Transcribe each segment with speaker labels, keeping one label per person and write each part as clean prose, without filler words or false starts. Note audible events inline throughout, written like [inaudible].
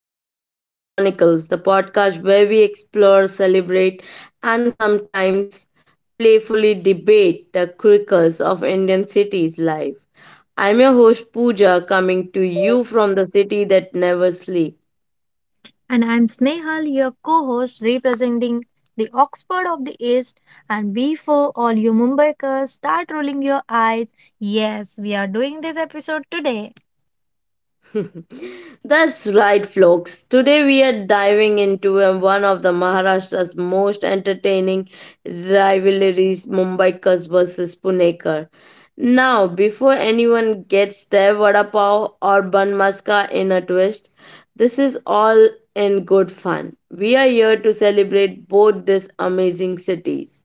Speaker 1: to the City Chronicles, the podcast where we explore, celebrate, and sometimes playfully debate the quirks of Indian cities' life. I'm your host Pooja, coming to you from the city that never sleeps.
Speaker 2: And I'm Snehal, your co host, representing the Oxford of the East. And before all you Mumbaikers start rolling your eyes, yes, we are doing this episode today.
Speaker 1: That's right, folks. Today we are diving into one of the Maharashtra's most entertaining rivalries, Mumbaikars versus Punekar. Now, before anyone gets their vada pav or bun maska in a twist, this is all in good fun. We are here to celebrate both these amazing cities.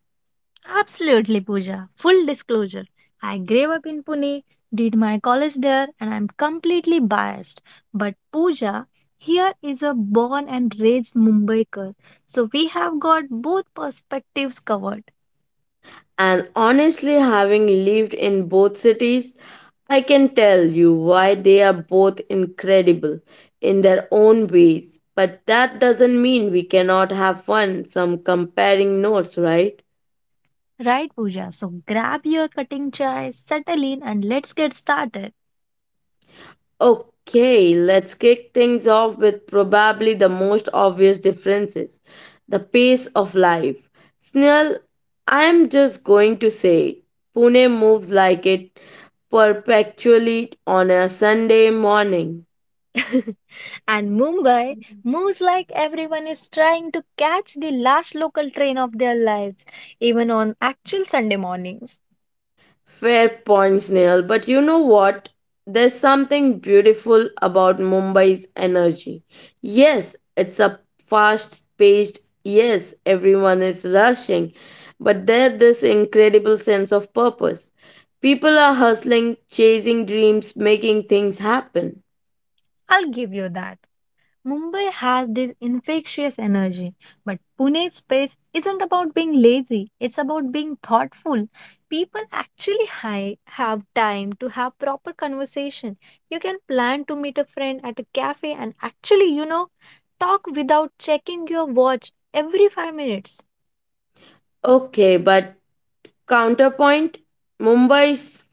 Speaker 2: Absolutely, Pooja. Full disclosure, I grew up in Pune, did my college there, and I'm completely biased. But Pooja, here is a born and raised Mumbaiker. So we have got both perspectives covered.
Speaker 1: And honestly, having lived in both cities, I can tell you why they are both incredible in their own ways. But that doesn't mean we cannot have fun, some comparing notes, right?
Speaker 2: Right, Pooja. So grab your cutting chai, settle in, and let's get started.
Speaker 1: Okay, let's kick things off with probably the most obvious differences: the pace of life. Snell, I'm just going to say it. Pune moves like it perpetually on a Sunday morning.
Speaker 2: [laughs] And Mumbai moves like everyone is trying to catch the last local train of their lives, even on actual Sunday mornings.
Speaker 1: Fair points, Neil. But you know what? There's something beautiful about Mumbai's energy. Yes, it's a fast paced, yes, everyone is rushing, but there's this incredible sense of purpose. People are hustling, chasing dreams, making things happen.
Speaker 2: I'll give you that. Mumbai has this infectious energy, but Pune's space isn't about being lazy, it's about being thoughtful. People actually have time to have proper conversation. You can plan to meet a friend at a cafe and actually, talk without checking your watch every 5 minutes.
Speaker 1: Okay, but counterpoint: Mumbai's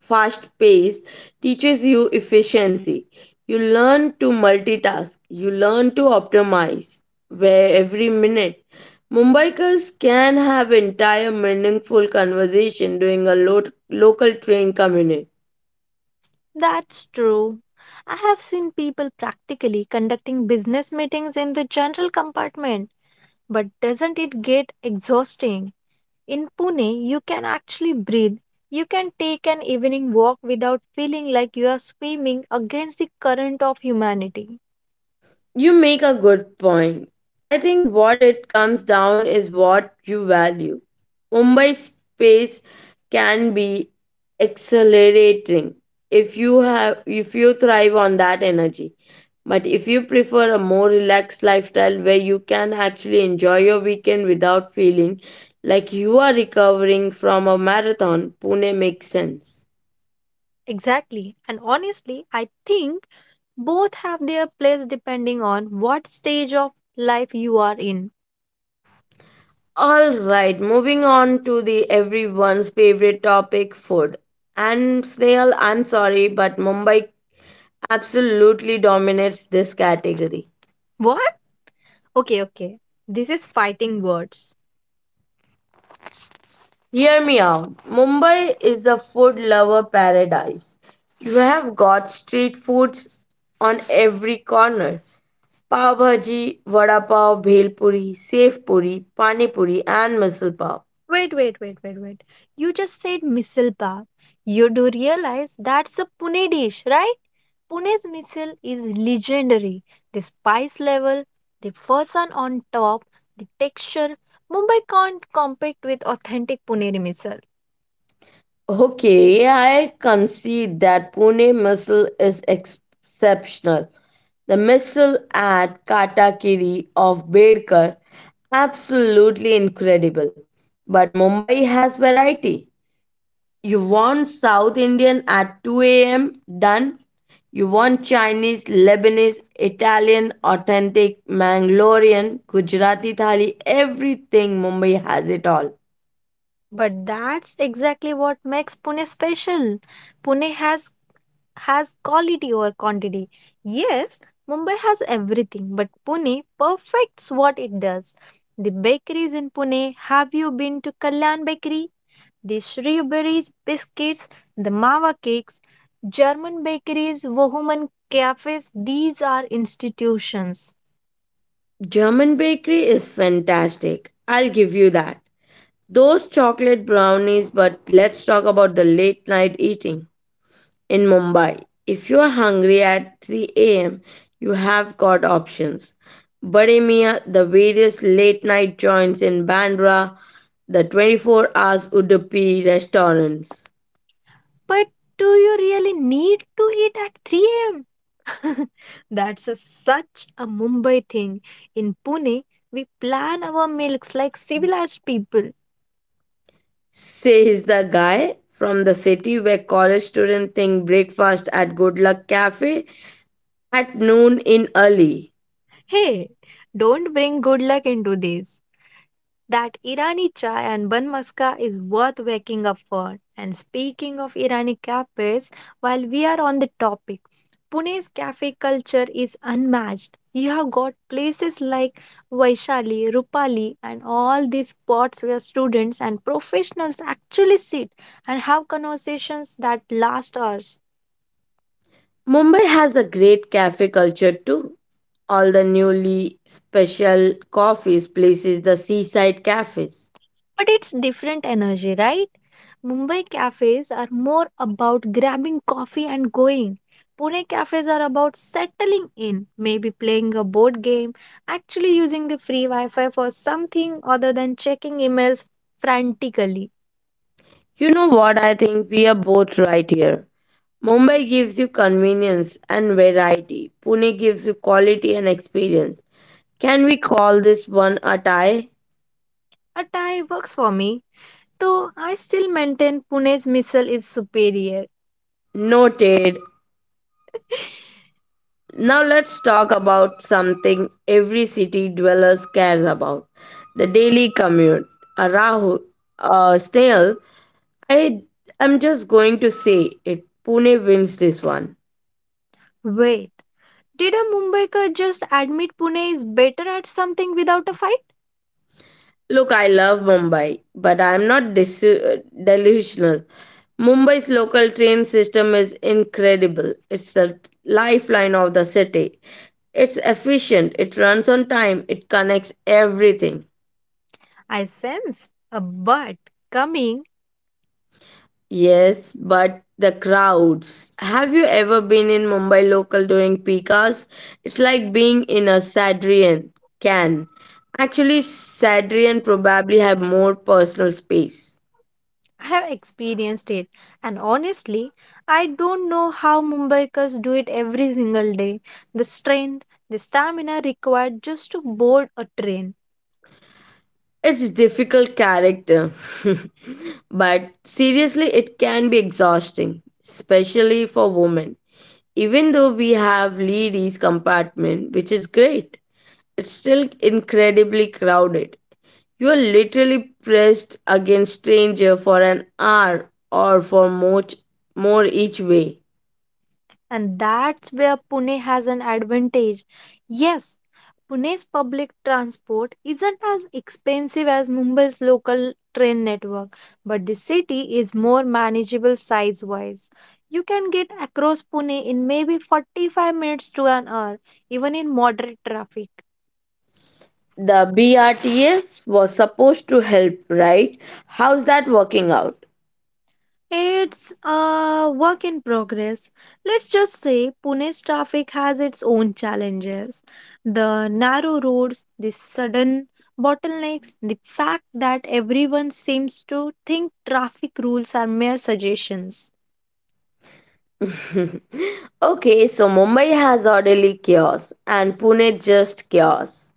Speaker 1: fast paced teaches you efficiency. You learn to multitask, you learn to optimize where every minute. Mumbaikars can have entire meaningful conversation during a local train commute.
Speaker 2: That's true. I have seen people practically conducting business meetings in the general compartment, but doesn't it get exhausting? In Pune, you can actually breathe. You can take an evening walk without feeling like you are swimming against the current of humanity.
Speaker 1: You make a good point. I think what it comes down is what you value. Mumbai space can be accelerating if you thrive on that energy. But if you prefer a more relaxed lifestyle where you can actually enjoy your weekend without feeling like you are recovering from a marathon, Pune makes sense.
Speaker 2: Exactly. And honestly, I think both have their place depending on what stage of life you are in.
Speaker 1: All right, moving on to the everyone's favorite topic, food. And Snail, I'm sorry, but Mumbai absolutely dominates this category.
Speaker 2: What? Okay, okay. This is fighting words.
Speaker 1: Hear me out. Mumbai is a food lover paradise. You have got street foods on every corner. Pav bhaji, vada pav, bhel puri, sev puri, pani puri, and misal pav.
Speaker 2: Wait, wait, wait, wait, wait. You just said missile pav. You do realize that's a Pune dish, right? Pune's missile is legendary. The spice level, the fasan on top, the texture. Mumbai can't compete with authentic Puneri missile.
Speaker 1: Okay, I concede that Pune missile is exceptional. The missile at Katakiri of Bedkar, absolutely incredible. But Mumbai has variety. You want South Indian at 2 a.m., done. You want Chinese, Lebanese, Italian, authentic, Mangalorean, Gujarati thali, everything, Mumbai has it all.
Speaker 2: But that's exactly what makes Pune special. Pune has quality over quantity. Yes, Mumbai has everything, but Pune perfects what it does. The bakeries in Pune, have you been to Kalyan Bakery? The Shrewberry's biscuits, the Mawa cakes, German bakeries, Wohuman cafes, these are institutions.
Speaker 1: German bakery is fantastic. I'll give you that. Those chocolate brownies, but let's talk about the late night eating in Mumbai. If you are hungry at 3 a.m., you have got options. Bade Mia, the various late night joints in Bandra, the 24 hours Udupi restaurants.
Speaker 2: But do you really need to eat at 3 a.m.? [laughs] That's such a Mumbai thing. In Pune, we plan our meals like civilized people.
Speaker 1: Says the guy from the city where college students think breakfast at Good Luck Cafe at noon in early.
Speaker 2: Hey, don't bring good luck into this. That Irani chai and bun maska is worth waking up for. And speaking of Irani cafes, while we are on the topic, Pune's cafe culture is unmatched. You have got places like Vaishali, Rupali, and all these spots where students and professionals actually sit and have conversations that last hours.
Speaker 1: Mumbai has a great cafe culture too. All the newly special coffees places, the seaside cafes.
Speaker 2: But it's different energy, right? Mumbai cafes are more about grabbing coffee and going. Pune cafes are about settling in, maybe playing a board game, actually using the free Wi Fi for something other than checking emails frantically.
Speaker 1: You know what, I think we are both right here. Mumbai gives you convenience and variety. Pune gives you quality and experience. Can we call this one a tie?
Speaker 2: A tie works for me, though I still maintain Pune's missile is superior.
Speaker 1: Noted.
Speaker 2: [laughs]
Speaker 1: Now let's talk about something every city dwellers cares about: the daily commute. A Rahul, a snail, I am just going to say it. Pune wins this one.
Speaker 2: Wait, did a Mumbaikar just admit Pune is better at something without a fight?
Speaker 1: Look, I love Mumbai, but I am not delusional. Mumbai's local train system is incredible. It's the lifeline of the city. It's efficient, it runs on time, it connects everything.
Speaker 2: I sense a but coming.
Speaker 1: Yes, but the crowds. Have you ever been in Mumbai local during peak hours? It's like being in a Sadrian can. Actually, Sadrian probably have more personal space.
Speaker 2: I have experienced it, and honestly, I don't know how Mumbaikars do it every single day. The strength, the stamina required just to board a train,
Speaker 1: It's difficult character, [laughs] but seriously, it can be exhausting, especially for women. Even though we have ladies compartment, which is great, it's still incredibly crowded. You're literally pressed against stranger for an hour or for much more each way.
Speaker 2: and that's where Pune has an advantage. Yes, Pune's public transport isn't as expensive as Mumbai's local train network, but the city is more manageable size wise. You can get across Pune in maybe 45 minutes to an hour, even in moderate traffic.
Speaker 1: The BRTS was supposed to help, right? How's that working out?
Speaker 2: It's a work in progress. Let's just say Pune's traffic has its own challenges. The narrow roads, the sudden bottlenecks, the fact that everyone seems to think traffic rules are mere suggestions.
Speaker 1: [laughs] Okay, so Mumbai has orderly chaos and Pune just chaos.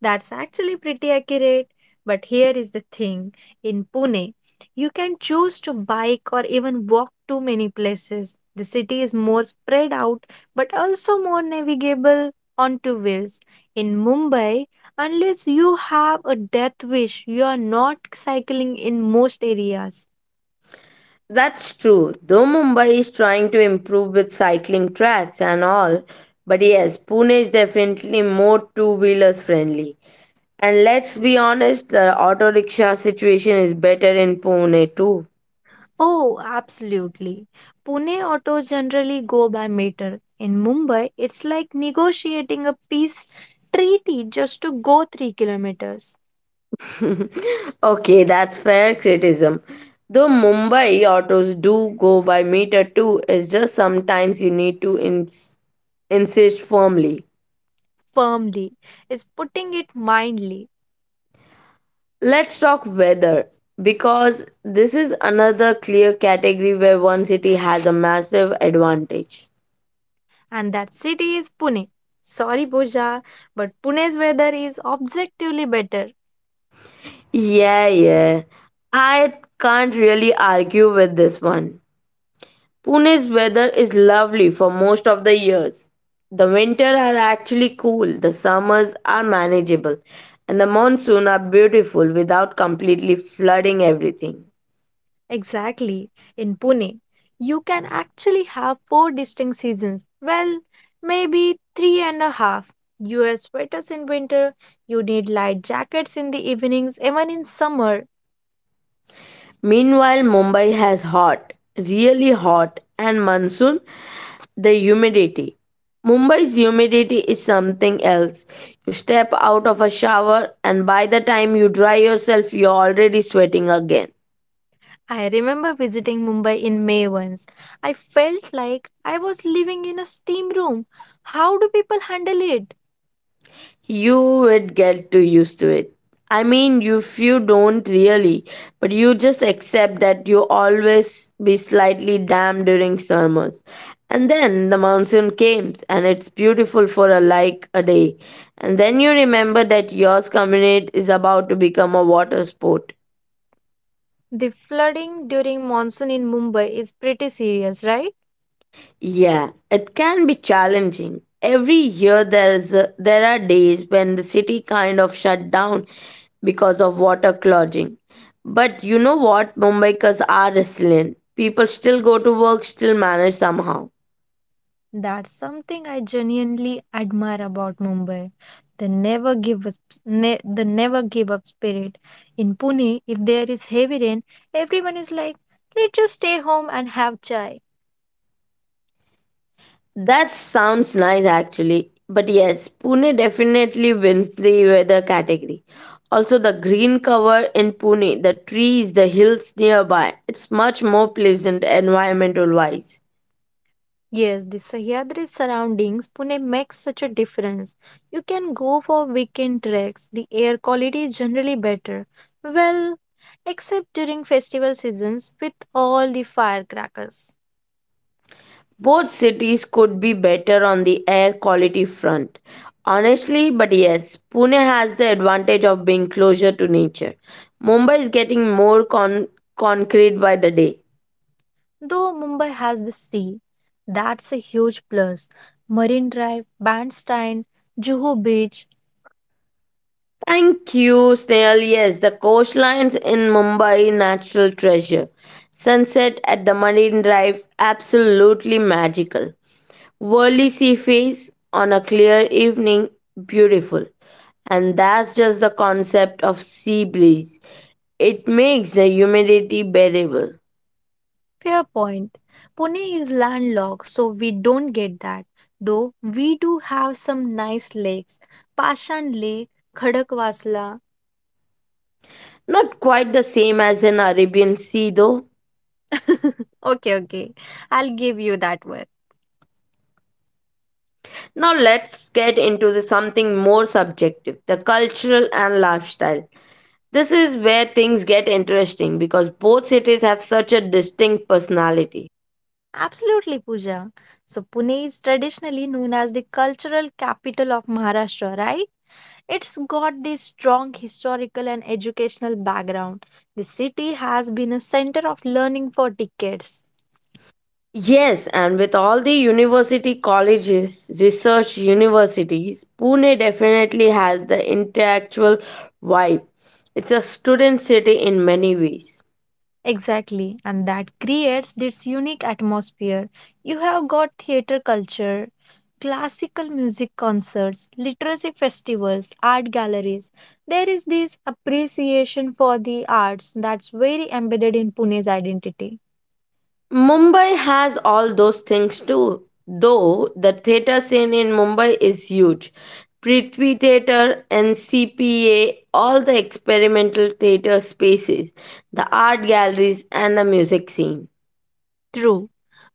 Speaker 2: That's actually pretty accurate. But here is the thing, in Pune, you can choose to bike or even walk to many places. The city is more spread out but also more navigable on two wheels. In Mumbai, unless you have a death wish, you are not cycling in most areas.
Speaker 1: That's true, though Mumbai is trying to improve with cycling tracks and all, but yes, Pune is definitely more two wheelers friendly. And let's be honest, the auto rickshaw situation is better in Pune too.
Speaker 2: Oh, absolutely. Pune autos generally go by meter. In Mumbai, it's like negotiating a peace treaty just to go 3 kilometers
Speaker 1: Okay, that's fair criticism. Though Mumbai autos do go by meter too, it's just sometimes you need to insist firmly.
Speaker 2: firmly. It's putting it mildly.
Speaker 1: Let's talk weather, because this is another clear category where one city has a massive advantage.
Speaker 2: And that city is Pune. Sorry, Pooja, but Pune's weather is objectively better.
Speaker 1: Yeah, yeah. I can't really argue with this one. Pune's weather is lovely for most of the years. The winter are actually cool, the summers are manageable, and the monsoon are beautiful without completely flooding everything.
Speaker 2: Exactly. In Pune, you can actually have four distinct seasons. Well, maybe three and a half. You wear sweaters in winter, you need light jackets in the evenings, even in summer.
Speaker 1: Meanwhile, Mumbai has hot, really hot, and monsoon, the humidity. Mumbai's humidity is something else. You step out of a shower, and by the time you dry yourself, you're already sweating again.
Speaker 2: I remember visiting Mumbai in May once. I felt like I was living in a steam room. How do people handle it?
Speaker 1: You would get too used to it. I mean, if you don't really, but you just accept that you always be slightly damp during summers. And then the monsoon came, and it's beautiful for a like a day. And then you remember that yours community is about to become a water sport.
Speaker 2: The flooding during monsoon in Mumbai is pretty serious, right?
Speaker 1: Yeah, it can be challenging. Every year there is a, there are days when the city kind of shut down because of water clogging. But you know what? Mumbaikars are resilient. People still go to work, still manage somehow.
Speaker 2: That's something I genuinely admire about Mumbai. They never give up, the never give up spirit. In Pune, if there is heavy rain, everyone is like, let's just stay home and have chai.
Speaker 1: That sounds nice actually. But yes, Pune definitely wins the weather category. Also, the green cover in Pune, the trees, the hills nearby, it's much more pleasant environmental wise.
Speaker 2: Yes, the Sahyadri surroundings, Pune makes such a difference. You can go for weekend treks. The air quality is generally better. Well, except during festival seasons with all the firecrackers.
Speaker 1: Both cities could be better on the air quality front. Honestly, but yes, Pune has the advantage of being closer to nature. Mumbai is getting more concrete by the day.
Speaker 2: Though Mumbai has the sea, that's a huge plus. Marine Drive, Bandstand, Juhu Beach,
Speaker 1: Thank you, Snail. Yes, the coastlines in Mumbai, natural treasure. Sunset at the Marine Drive, absolutely magical. Worldly sea face on a clear evening, beautiful. And that's just the concept of sea breeze. It makes the humidity bearable.
Speaker 2: Fairpoint. Pune is landlocked, so we don't get that. Though we do have some nice lakes. Pashan Lake, Khadakwasla.
Speaker 1: Not quite the same as an Arabian sea though.
Speaker 2: [laughs] Okay, okay. I'll give you that one.
Speaker 1: Now let's get into the something more subjective, the cultural and lifestyle. This is where things get interesting because both cities have such a distinct personality.
Speaker 2: Absolutely, Pooja. So Pune is traditionally known as the cultural capital of Maharashtra, right? It's got this strong historical and educational background. The city has been a center of learning for decades.
Speaker 1: Yes, and with all the university colleges, research universities, Pune definitely has the intellectual vibe. It's a student city in many ways.
Speaker 2: Exactly, and that creates this unique atmosphere. You have got theater culture, classical music concerts, literacy festivals, art galleries. There is this appreciation for the arts that's very embedded in Pune's identity.
Speaker 1: Mumbai has all those things too, though the theatre scene in Mumbai is huge. Prithvi Theatre, NCPA, all the experimental theatre spaces, the art galleries, and the music scene.
Speaker 2: True.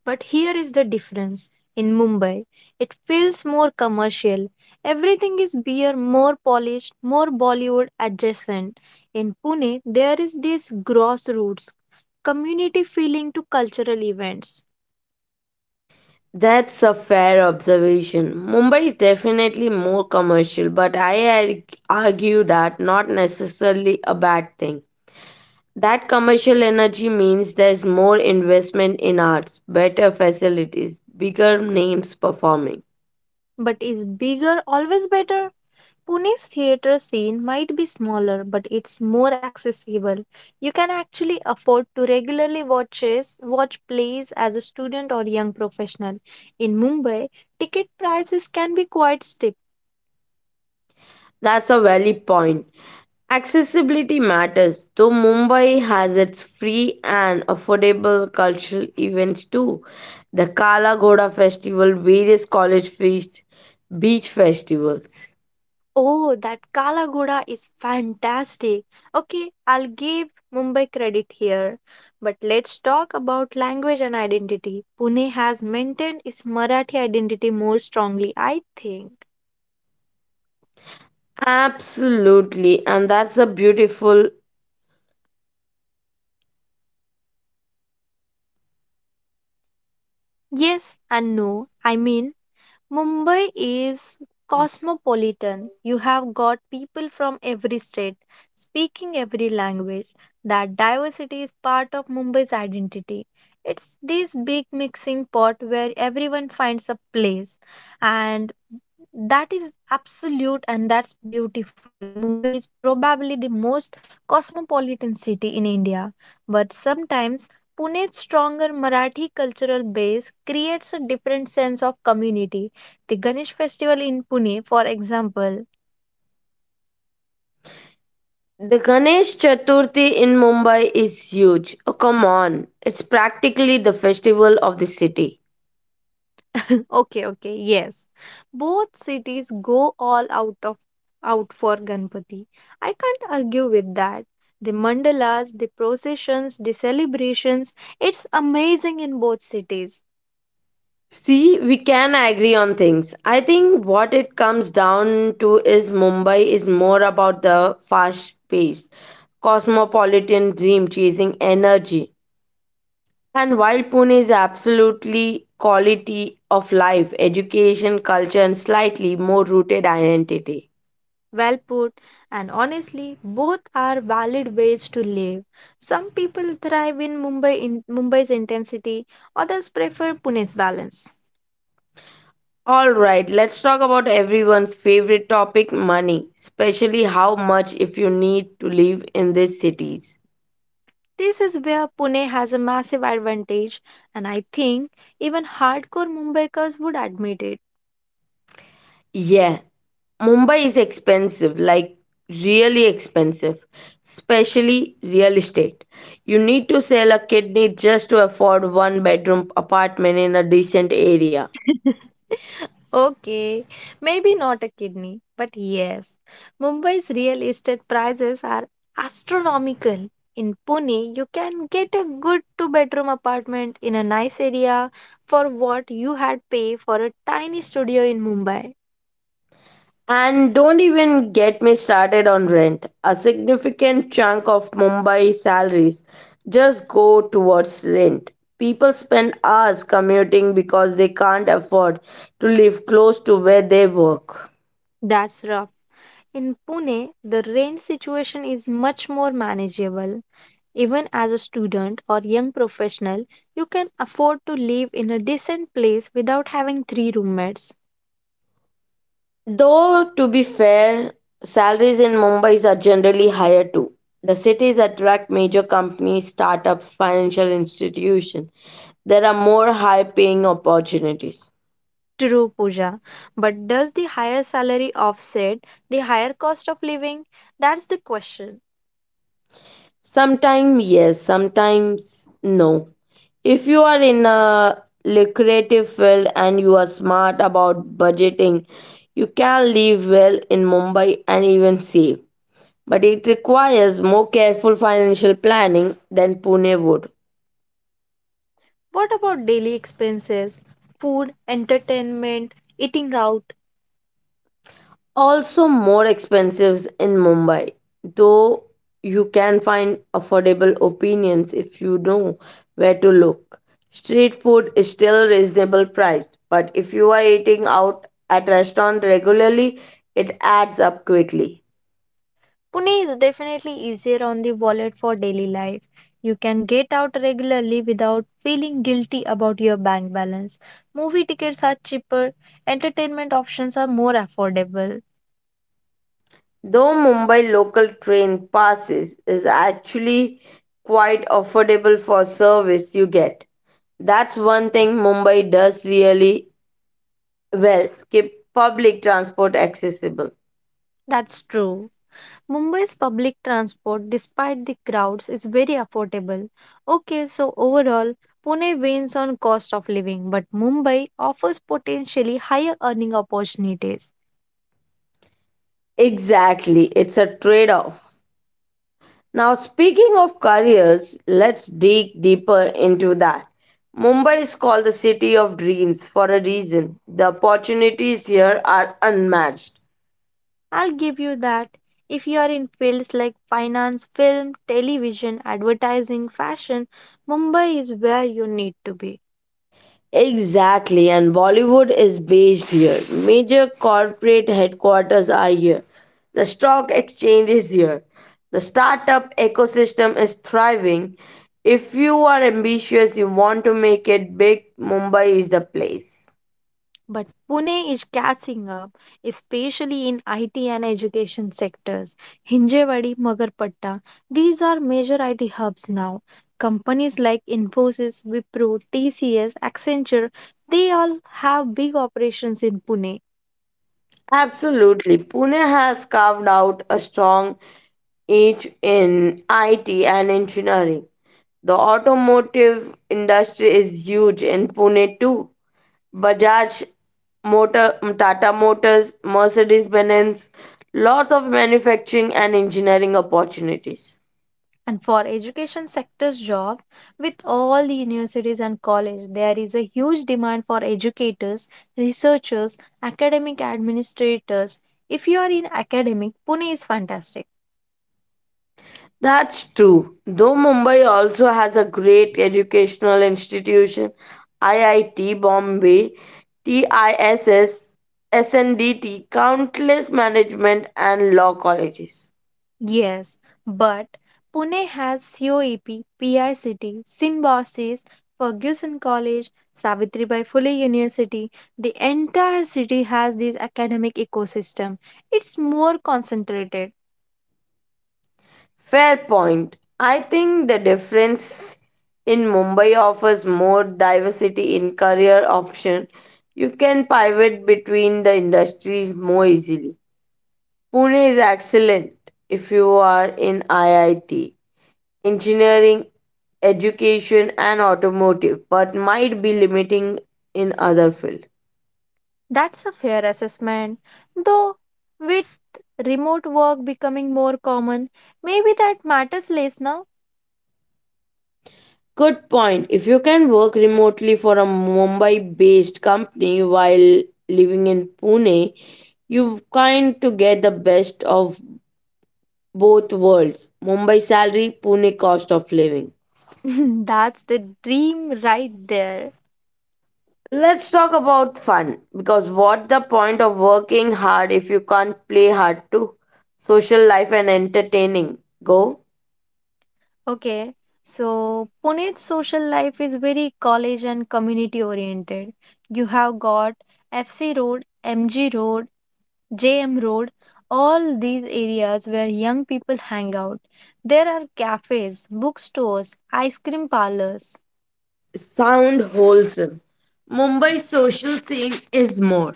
Speaker 2: But here is the difference. In Mumbai, it feels more commercial. Everything is beer, more polished, more Bollywood adjacent. In Pune, there is this grassroots community feeling to cultural events.
Speaker 1: That's a fair observation. Mumbai is definitely more commercial, but I argue that not necessarily a bad thing. That commercial energy means there's more investment in arts, better facilities, bigger names performing.
Speaker 2: But is bigger always better? Pune's theatre scene might be smaller, but it's more accessible. You can actually afford to regularly watch plays as a student or young professional. In Mumbai, ticket prices can be quite steep.
Speaker 1: That's a valid point. Accessibility matters, though Mumbai has its free and affordable cultural events too. The Kala Ghoda Festival, various college feasts, beach festivals.
Speaker 2: Oh, that Kala Ghoda is fantastic. Okay, I'll give Mumbai credit here. But let's talk about language and identity. Pune has maintained its Marathi identity more strongly, I think.
Speaker 1: Absolutely, and that's a beautiful.
Speaker 2: Yes and no. I mean, Mumbai is cosmopolitan. You have got people from every state speaking every language. That diversity is part of Mumbai's identity. It's this big mixing pot where everyone finds a place. And that is absolute and that's beautiful. Mumbai is probably the most cosmopolitan city in India. But sometimes Pune's stronger Marathi cultural base creates a different sense of community. The Ganesh festival in Pune, for example.
Speaker 1: The Ganesh Chaturthi in Mumbai is huge. Oh, come on. It's practically the festival of the city.
Speaker 2: [laughs] Okay, okay, yes. Both cities go all out for Ganpati. I can't argue with that. The mandalas, the processions, the celebrations, it's amazing in both cities.
Speaker 1: See, we can agree on things. I think what it comes down to is Mumbai is more about the fast paced, cosmopolitan dream chasing energy. And while Pune is absolutely quality of life, education, culture, and slightly more rooted identity.
Speaker 2: Well put, and honestly, both are valid ways to live. Some people thrive in Mumbai's intensity, others prefer Pune's balance.
Speaker 1: All right, let's talk about everyone's favorite topic, money, especially how much if you need to live in these cities.
Speaker 2: This is where Pune has a massive advantage, and I think even hardcore Mumbaikars would admit
Speaker 1: Yeah, Mumbai is expensive, like really expensive, especially real estate. You need to sell a kidney just to afford one bedroom apartment in a decent area.
Speaker 2: it. [laughs] Okay, maybe not a kidney, but yes, Mumbai's real estate prices are astronomical. In Pune, you can get a good two-bedroom apartment in a nice area for what you had pay for a tiny studio in Mumbai.
Speaker 1: And don't even get me started on rent. A significant chunk of Mumbai salaries just go towards rent. People spend hours commuting because they can't afford to live close to where they work.
Speaker 2: That's rough. In Pune, the rent situation is much more manageable. Even as a student or young professional, you can afford to live in a decent place without having three roommates.
Speaker 1: Though, to be fair, salaries in Mumbai are generally higher too. The cities attract major companies, startups, financial institutions. There are more high paying opportunities.
Speaker 2: True, Pooja. But does the higher salary offset the higher cost of living? That's the question.
Speaker 1: Sometimes yes, sometimes no. If you are in a lucrative field and you are smart about budgeting, you can live well in Mumbai and even save. But it requires more careful financial planning than Pune would.
Speaker 2: What about daily expenses? Food, entertainment, eating out?
Speaker 1: Also more expensive in Mumbai, though you can find affordable opinions if you know where to look. Street food is still reasonable priced, but if you are eating out at restaurant regularly, it adds up quickly.
Speaker 2: Pune is definitely easier on the wallet for daily life. You can get out regularly without feeling guilty about your bank balance. Movie tickets are cheaper, entertainment options are more affordable.
Speaker 1: Though Mumbai local train passes is actually quite affordable for service you get. That's one thing Mumbai does really well, keep public transport accessible.
Speaker 2: That's true. Mumbai's public transport, despite the crowds, is very affordable. Okay, so overall, Pune wins on cost of living, but Mumbai offers potentially higher earning opportunities.
Speaker 1: Exactly, it's a trade off. Now, speaking of careers, let's dig deeper into that. Mumbai is called the city of dreams for a reason. The opportunities here are unmatched.
Speaker 2: I'll give you that. If you are in fields like finance, film, television, advertising, fashion, Mumbai is where you need to be.
Speaker 1: Exactly, and Bollywood is based here. Major corporate headquarters are here. The stock exchange is here. The startup ecosystem is thriving. If you are ambitious, you want to make it big, Mumbai is the place.
Speaker 2: But Pune is catching up, especially in IT and education sectors. Hinjewadi, Magarpatta, these are major IT hubs now. Companies like Infosys, Wipro, TCS, Accenture, they all have big operations in Pune.
Speaker 1: Absolutely. Pune has carved out a strong niche in IT and engineering. The automotive industry is huge in Pune too. Bajaj, Motor, Tata Motors, Mercedes Benz, lots of manufacturing and engineering opportunities.
Speaker 2: And for education sector's job, with all the universities and college, there is a huge demand for educators, researchers, academic administrators. If you are in academic, Pune is fantastic.
Speaker 1: That's true. Though Mumbai also has a great educational institution, IIT Bombay, TISS SNDT, countless management and law colleges.
Speaker 2: Yes, but Pune has COEP, PICT, Symbiosis, Ferguson College, Savitribai Phule University. The entire city has this academic ecosystem. It's more concentrated.
Speaker 1: Fair point. I think the difference in Mumbai offers more diversity in career option. You can pivot between the industries more easily. Pune is excellent if you are in IIT engineering, education, and automotive, but might be limiting in other fields.
Speaker 2: That's a fair assessment. Though, with remote work becoming more common, maybe that matters less now.
Speaker 1: Good point. If you can work remotely for a Mumbai based company while living in Pune, you kind to get the best of both worlds: Mumbai salary, Pune cost of living.
Speaker 2: [laughs] That's the dream right there.
Speaker 1: Let's talk about fun, because what the point of working hard if you can't play hard too? Social life and entertaining. Go.
Speaker 2: Okay, so Pune's social life is very college and community oriented. You have got FC Road, MG Road, JM Road, all these areas where young people hang out. There are cafes, bookstores, ice cream parlors.
Speaker 1: Sound wholesome. Mumbai's social scene is more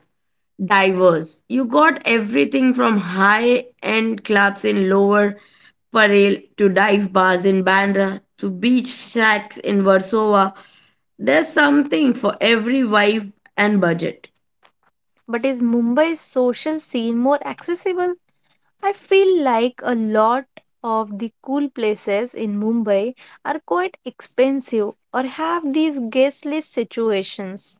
Speaker 1: diverse. You got everything from high end clubs in Lower Parel to dive bars in Bandra to beach shacks in Warsaw. There's something for every vibe and budget.
Speaker 2: But is Mumbai's social scene more accessible? I feel like a lot of the cool places in Mumbai are quite expensive or have these guest list situations.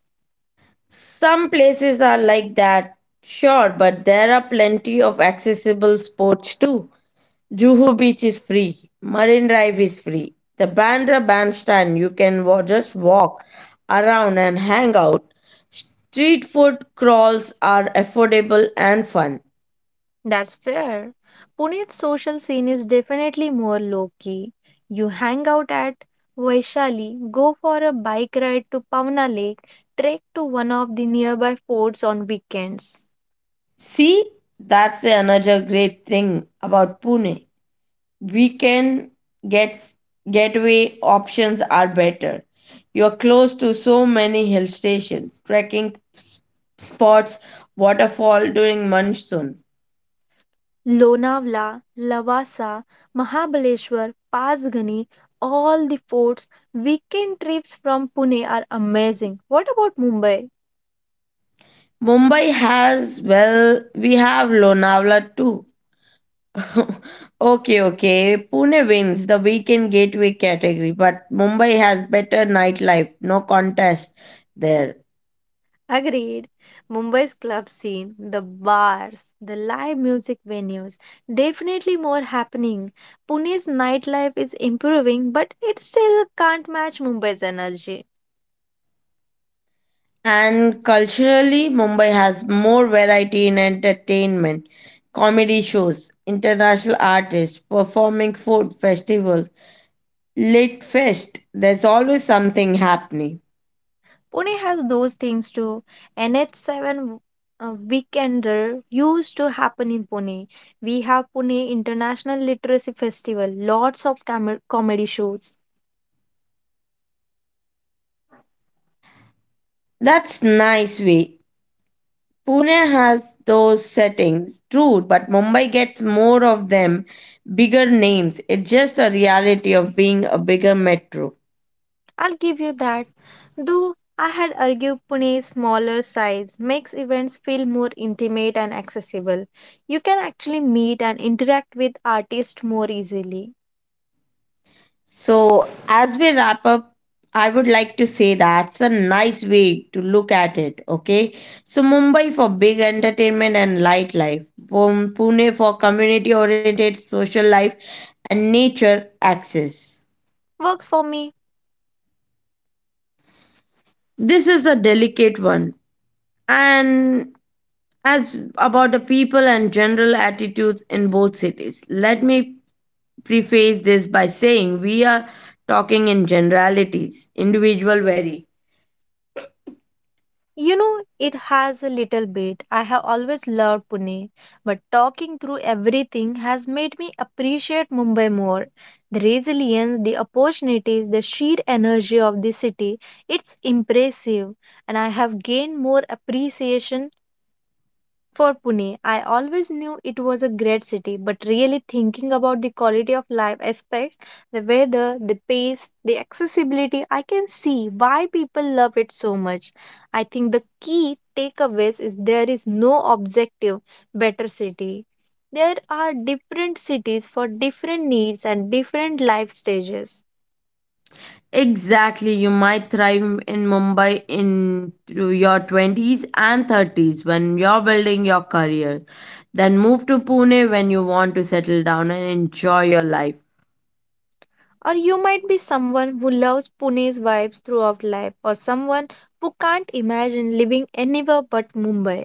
Speaker 1: Some places are like that, sure, but there are plenty of accessible sports too. Juhu Beach is free. Marine Drive is free. The Bandra Bandstand, you can just walk around and hang out. Street food crawls are affordable and fun.
Speaker 2: That's fair. Pune's social scene is definitely more low key. You hang out at Vaishali, go for a bike ride to Pavna Lake, trek to one of the nearby forts on weekends.
Speaker 1: See, that's the another great thing about Pune. We can get Getaway options are better. You are close to so many hill stations, trekking spots, waterfall during monsoon.
Speaker 2: Lonavala, Lavasa, Mahabaleshwar, Pasgani, all the forts, weekend trips from Pune are amazing. What about Mumbai?
Speaker 1: Mumbai has, well, we have Lonavala too. [laughs] Okay, okay. Pune wins the weekend gateway category, but Mumbai has better nightlife, no contest there.
Speaker 2: Agreed. Mumbai's club scene, the bars, the live music venues, definitely more happening. Pune's nightlife is improving, but it still can't match Mumbai's energy.
Speaker 1: And culturally, Mumbai has more variety in entertainment, comedy shows, international artists, performing food festivals, lit fest. There's always something happening.
Speaker 2: Pune has those things too. NH7 Weekender used to happen in Pune. We have Pune International Literacy Festival, lots of comedy shows.
Speaker 1: That's nice way. Pune has those settings, true, but Mumbai gets more of them, bigger names. It's just a reality of being a bigger metro.
Speaker 2: I'll give you that. Though I had argued Pune's smaller size makes events feel more intimate and accessible. You can actually meet and interact with artists more easily.
Speaker 1: So, as we wrap up, I would like to say that's a nice way to look at it, okay? So, Mumbai for big entertainment and life, Pune for community oriented social life and nature access.
Speaker 2: Works for me.
Speaker 1: This is a delicate one and as about the people and general attitudes in both cities. Let me preface this by saying we are talking in generalities, individual vary.
Speaker 2: You know, it has a little bit. I have always loved Pune, but talking through everything has made me appreciate Mumbai more. The resilience, the opportunities, the sheer energy of the city, it's impressive, and I have gained more appreciation for Pune. I always knew it was a great city, but really thinking about the quality of life aspects, the weather, the pace, the accessibility, I can see why people love it so much. I think the key takeaways is there is no objective better city. There are different cities for different needs and different life stages.
Speaker 1: Exactly, you might thrive in Mumbai into your 20s and 30s when you're building your career, then move to Pune when you want to settle down and enjoy your life.
Speaker 2: Or you might be someone who loves Pune's vibes throughout life, or someone who can't imagine living anywhere but Mumbai.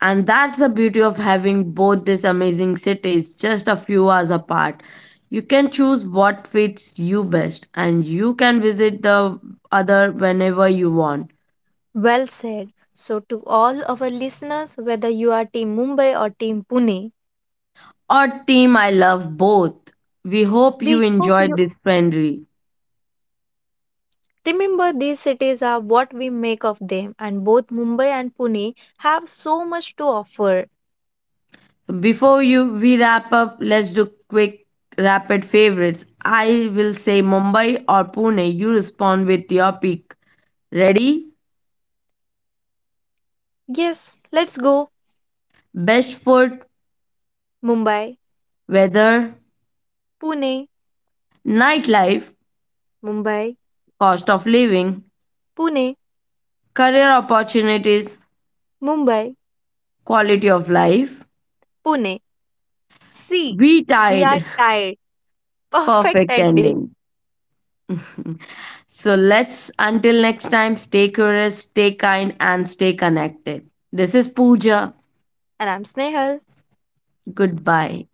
Speaker 1: And that's the beauty of having both these amazing cities just a few hours apart. You can choose what fits you best, and you can visit the other whenever you want.
Speaker 2: Well said. So, to all our listeners, whether you are Team Mumbai or Team Pune,
Speaker 1: Our team, I love both. We hope you
Speaker 2: we hope you
Speaker 1: enjoyed this friendly.
Speaker 2: remember these cities are what we make of them, and both Mumbai and Pune have so much to offer.
Speaker 1: So before you we wrap up, let's do quick rapid favorites. I will say Mumbai or Pune. You respond with your pick. Ready?
Speaker 2: Yes, let's go.
Speaker 1: Best food,
Speaker 2: Mumbai.
Speaker 1: weather,
Speaker 2: Pune.
Speaker 1: nightlife,
Speaker 2: Mumbai.
Speaker 1: cost of living,
Speaker 2: Pune.
Speaker 1: career opportunities,
Speaker 2: Mumbai.
Speaker 1: quality of life.
Speaker 2: Pune. See,
Speaker 1: We
Speaker 2: we are
Speaker 1: tied.
Speaker 2: tired. Perfect
Speaker 1: Perfect
Speaker 2: ending.
Speaker 1: ending. [laughs] So let's, until next time, stay curious, stay kind, and stay connected. This is Pooja.
Speaker 2: And I'm Snehal.
Speaker 1: Goodbye.